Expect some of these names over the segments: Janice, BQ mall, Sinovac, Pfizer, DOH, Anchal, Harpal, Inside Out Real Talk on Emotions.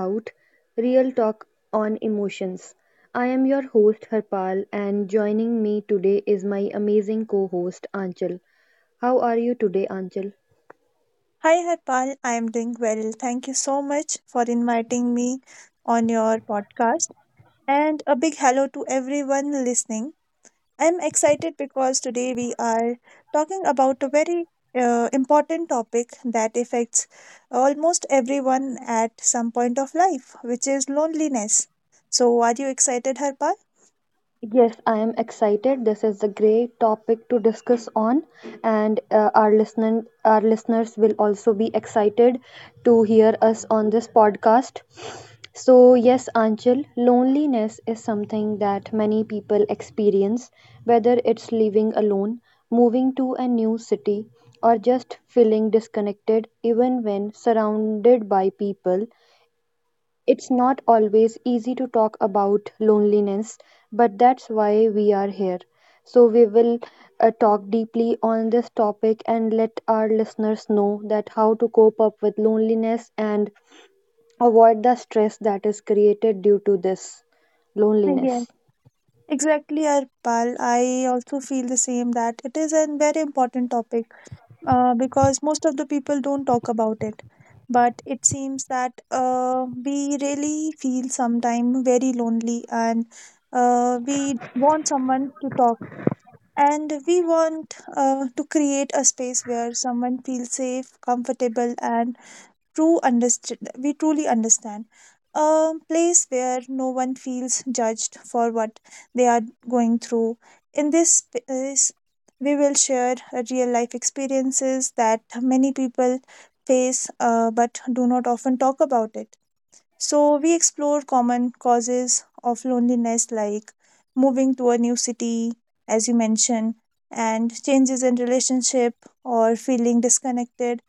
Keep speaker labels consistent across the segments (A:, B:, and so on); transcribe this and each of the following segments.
A: Out Real Talk on Emotions. I am your host, Harpal, and joining me today is my amazing co host, Anchal. How are you today, Anchal?
B: Hi Harpal, I am doing well. Thank you so much for inviting me on your podcast. And a big hello to everyone listening. I'm excited because today we are talking about a very important topic that affects almost everyone at some point of life, which is loneliness. So, are you excited, Harpal?
A: Yes, I am excited. This is a great topic to discuss on, and our listener, our listeners will also be excited to hear us on this podcast. So, yes, Anchal, loneliness is something that many people experience, whether it's living alone, moving to a new city, or just feeling disconnected, even when surrounded by people. It's not always easy to talk about loneliness, but that's why we are here. So, we will talk deeply on this topic and let our listeners know that how to cope up with loneliness and avoid the stress that is created due to this
B: Yes,
A: loneliness.
B: exactly, Harpal. I also feel the same that it is a very important topic because most of the people don't talk about it. But it seems that we really feel sometime very lonely and we want someone to talk. And we want to create a space where someone feels safe, comfortable, and true understand we truly understand a place where no one feels judged for what they are going through. In this space we will share real life experiences that many people face but do not often talk about it. So we explore common causes of loneliness like moving to a new city as you mentioned, and changes in relationship or feeling disconnected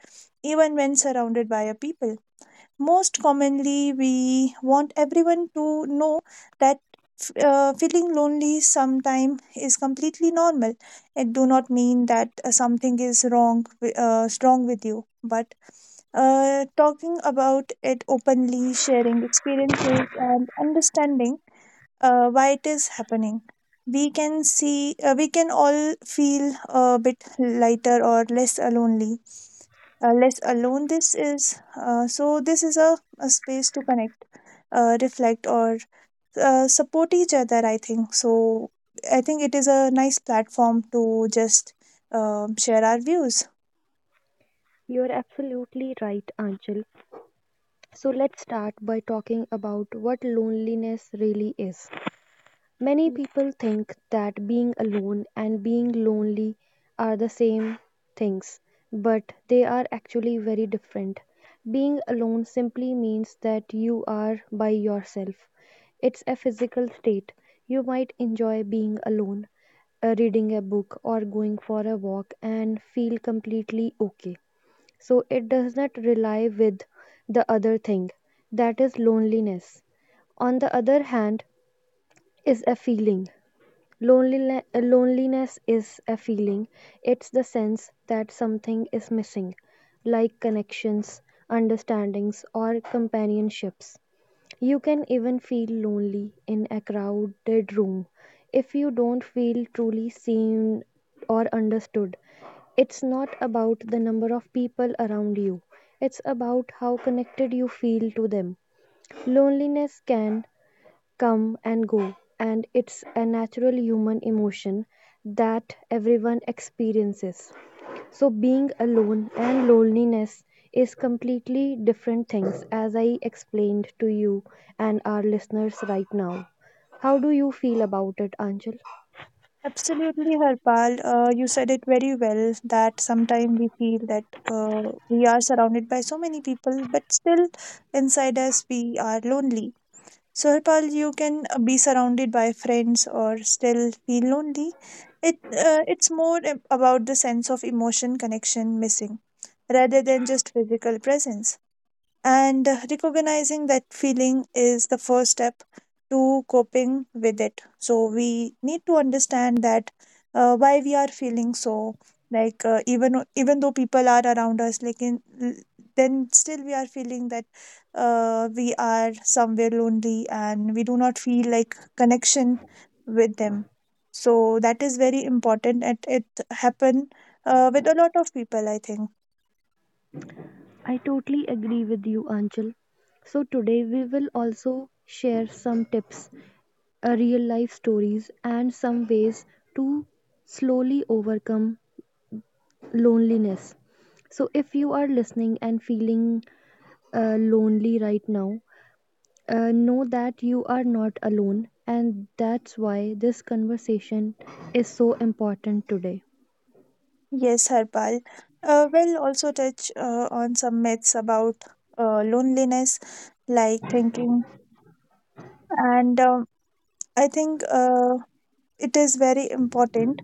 B: even when surrounded by a people. Most commonly, we want everyone to know that feeling lonely sometime is completely normal. It do not mean that something is wrong with you, but talking about it openly, sharing experiences, and understanding why it is happening. We can see, we can all feel a bit lighter or less alone. This is. So, this is a space to connect, reflect, or support each other, I think. So, I think it is a nice platform to just share our views.
A: You're absolutely right, Anchal. So, let's start by talking about what loneliness really is. Many people think that being alone and being lonely are the same things, but they are actually very different. Being alone simply means that you are by yourself. It's a physical state. You might enjoy being alone, reading a book, or going for a walk and feel completely okay. So it does not rely with the other thing. That is loneliness. On the other hand, is a feeling. Loneliness is a feeling, it's the sense that something is missing, like connections, understandings, or companionships. You can even feel lonely in a crowded room if you don't feel truly seen or understood. It's not about the number of people around you, it's about how connected you feel to them. Loneliness can come and go, and it's a natural human emotion that everyone experiences. So, being alone and loneliness is completely different things, as I explained to you and our listeners right now. How do you feel about it, Anchal?
B: Absolutely, Harpal. You said it very well that sometimes we feel that we are surrounded by so many people, but still inside us we are lonely. So, Harpal, you can be surrounded by friends or still feel lonely. It's more about the sense of emotion connection missing rather than just physical presence. And recognizing that feeling is the first step to coping with it. So we need to understand that why we are feeling so. Like even though people are around us, like then still we are feeling that we are somewhere lonely and we do not feel like connection with them. So that is very important, and it happen with a lot of people, I think.
A: I totally agree with you, Anchal. So, today we will also share some tips, real life stories, and some ways to slowly overcome loneliness. So, if you are listening and feeling lonely right now, know that you are not alone, and that's why this conversation is so important today.
B: Yes, Harpal. We'll also touch on some myths about loneliness, like thinking. And I think it is very important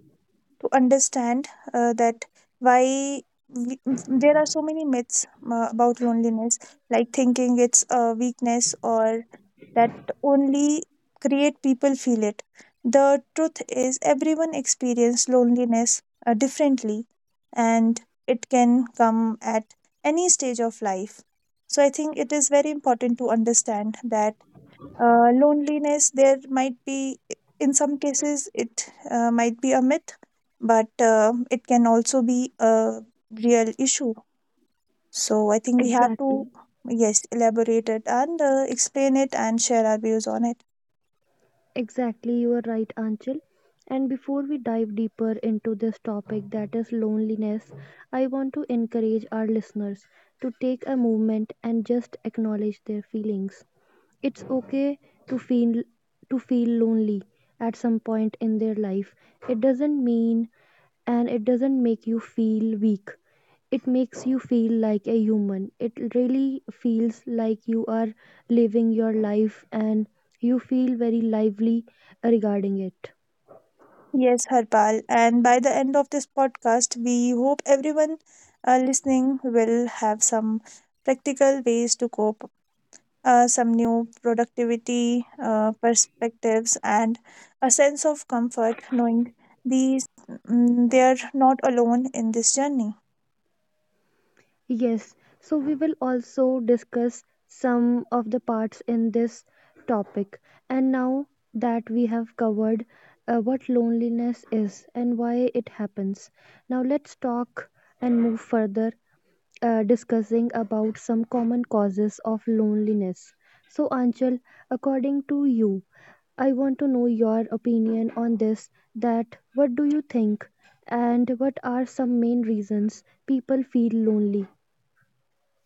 B: to understand that why we, there are so many myths about loneliness, like thinking it's a weakness or that only create people feel it. The truth is, everyone experiences loneliness differently, and it can come at any stage of life. So I think it is very important to understand that loneliness there might be in some cases it might be a myth, but it can also be a real issue. So I think we have to
A: Exactly.
B: yes elaborate it and explain it and share our views on it.
A: Exactly, you are right, Anchal. And before we dive deeper into this topic that is loneliness, I want to encourage our listeners to take a moment and just acknowledge their feelings. It's okay to feel lonely at some point in their life. It doesn't mean and it doesn't make you feel weak. It makes you feel like a human. It really feels like you are living your life and you feel very lively regarding it.
B: Yes, Harpal. And by the end of this podcast, we hope everyone listening will have some practical ways to cope, some new productivity perspectives, and a sense of comfort knowing these they are not alone in this journey.
A: Yes, so we will also discuss some of the parts in this topic. And now that we have covered what loneliness is and why it happens, now let's talk and move further, discussing about some common causes of loneliness. So, Anchal, according to you, I want to know your opinion on this that what do you think and what are some main reasons people feel lonely?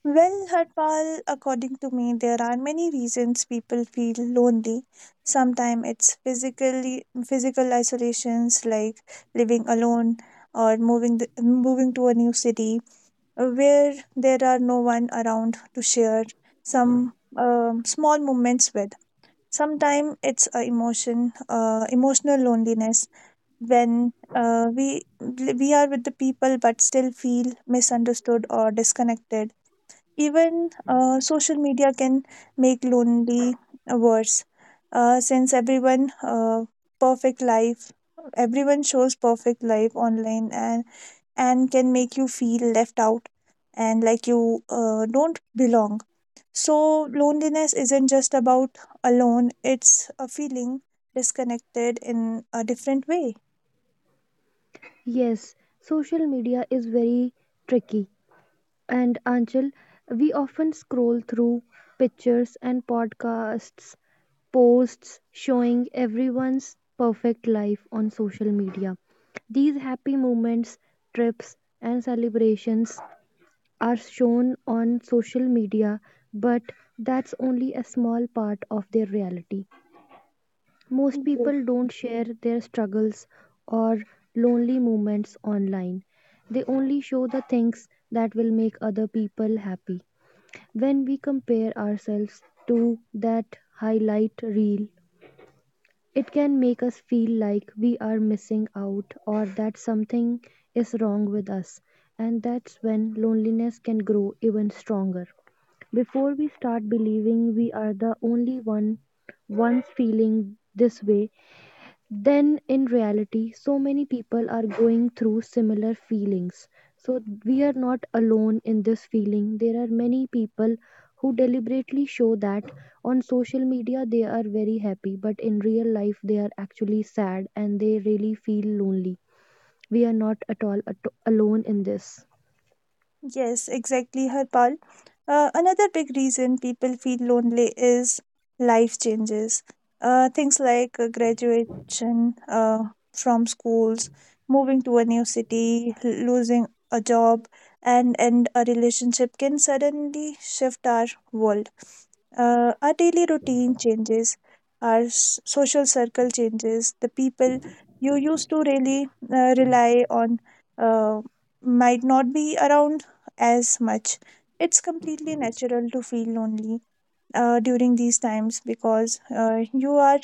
B: Well, Harpal, according to me, there are many reasons people feel lonely. Sometimes it's physical isolations like living alone or moving to a new city where there are no one around to share some small moments with. Sometimes it's a emotion, emotional loneliness when we are with the people but still feel misunderstood or disconnected. Even social media can make lonely worse since perfect life everyone shows perfect life online and can make you feel left out and like you don't belong. So loneliness isn't just about alone, it's a feeling disconnected in a different way.
A: Yes, social media is very tricky. And Anchal, we often scroll through pictures and podcasts, posts showing everyone's perfect life on social media. These happy moments, trips, and celebrations are shown on social media, but that's only a small part of their reality. Most people don't share their struggles or lonely moments online. They only show the things that will make other people happy. When we compare ourselves to that highlight reel, it can make us feel like we are missing out or that something is wrong with us. And that's when loneliness can grow even stronger. Before we start believing we are the only one once feeling this way, then in reality so many people are going through similar feelings, so we are not alone in this feeling. There are many people who deliberately show that on social media they are very happy, but in real life they are actually sad and they really feel lonely. We are not at all alone in this.
B: Yes, exactly, Harpal. Another big reason people feel lonely is life changes. Things like graduation from schools, moving to a new city, losing a job, and a relationship can suddenly shift our world. Our daily routine changes, our social circle changes. The people you used to really rely on uh, might not be around as much. It's completely natural to feel lonely during these times because you are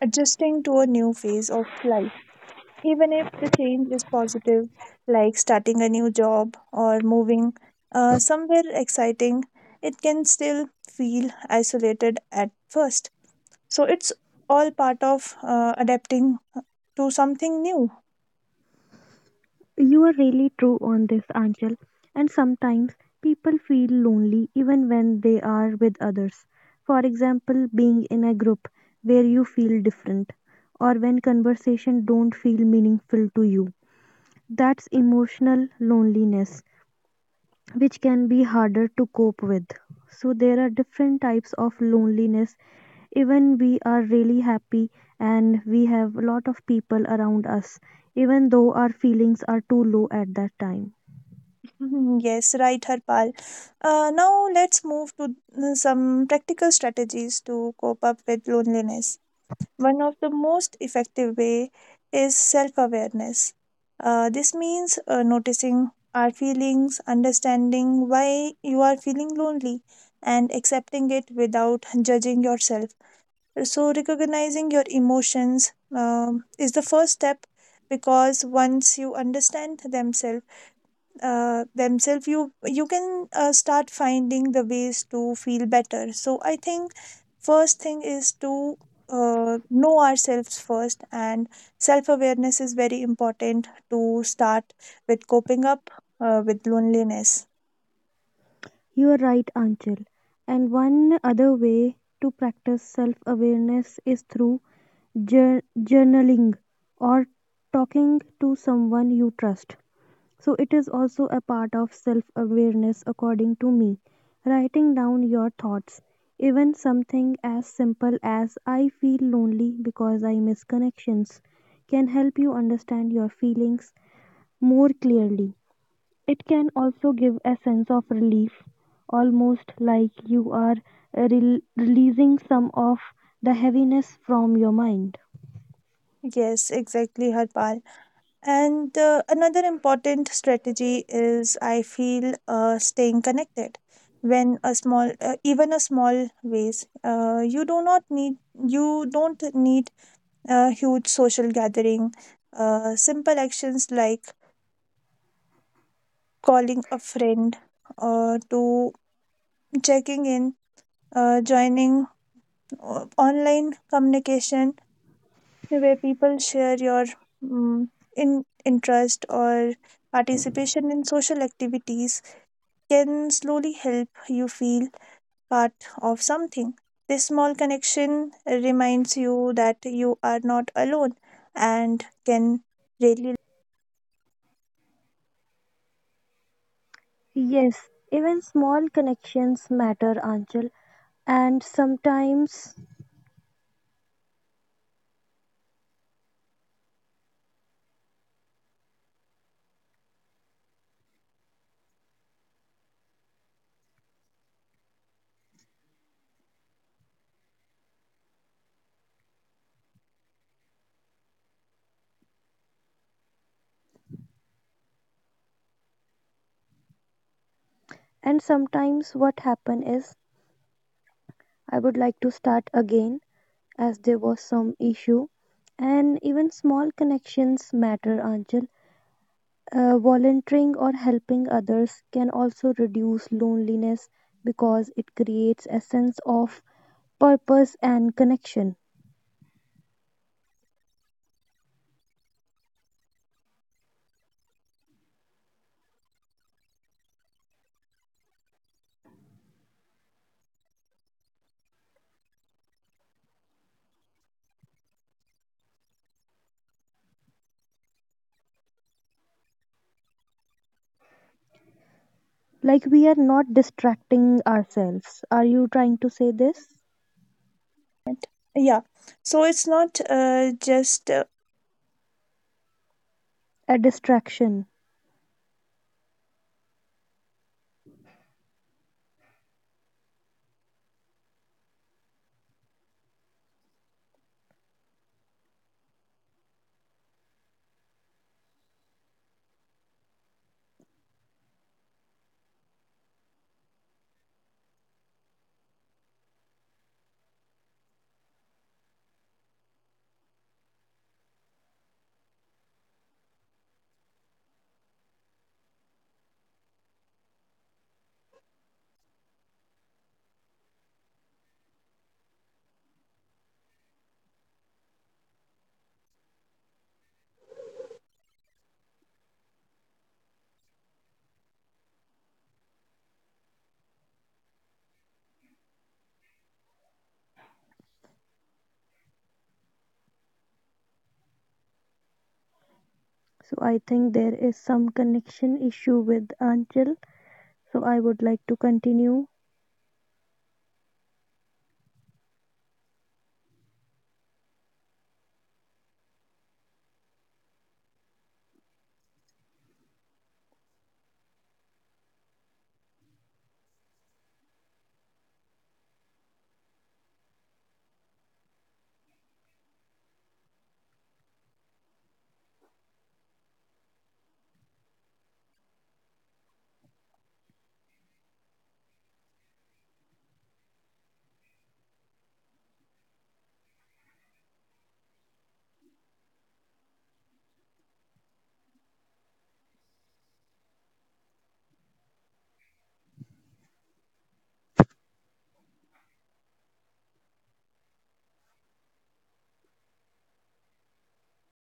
B: adjusting to a new phase of life. Even if the change is positive, like starting a new job or moving somewhere exciting, it can still feel isolated at first. So it's all part of adapting to something new.
A: You are really true on this, Angel. And sometimes people feel lonely even when they are with others. For example, being in a group where you feel different or when conversation don't feel meaningful to you. That's emotional loneliness, which can be harder to cope with. So there are different types of loneliness. Even we are really happy and we have a lot of people around us, even though our feelings are too low at that time.
B: Mhm. Yes, right, Harpal. Now let's move to some practical strategies to cope up with loneliness. One of the most effective way is self-awareness. This means noticing our feelings, understanding why you are feeling lonely, and accepting it without judging yourself. So recognizing your emotions is the first step because once you understand themselves you can start finding the ways to feel better. So I think first thing is to know ourselves first, and self awareness is very important to start with coping up with loneliness.
A: You are right, Anchal. And one other way to practice self awareness is through journaling or talking to someone you trust. So it is also a part of self awareness, according to me. Writing down your thoughts, even something as simple as I feel lonely because I miss connections, can help you understand your feelings more clearly. It can also give a sense of relief, almost like you are releasing some of the heaviness from your mind.
B: Yes, exactly, Harpal. And another important strategy is I feel staying connected when a small even a small ways. You don't need a huge social gathering. Simple actions like calling a friend to checking in, joining online communication where people share your um, in interest or participation in social activities can slowly help you feel part of something. This small connection reminds you that you are not alone and can really
A: Yes, even small connections matter, Anchal, and sometimes. And sometimes what happen is I would like to start again as there was some issue. And even small connections matter, Anjal. Volunteering or helping others can also reduce loneliness because it creates a sense of purpose and connection. Like we are not distracting ourselves. Are you trying to say this?
B: yeah. So it's not just
A: A distraction. So I think there is some connection issue with Anjal. So I would like to continue.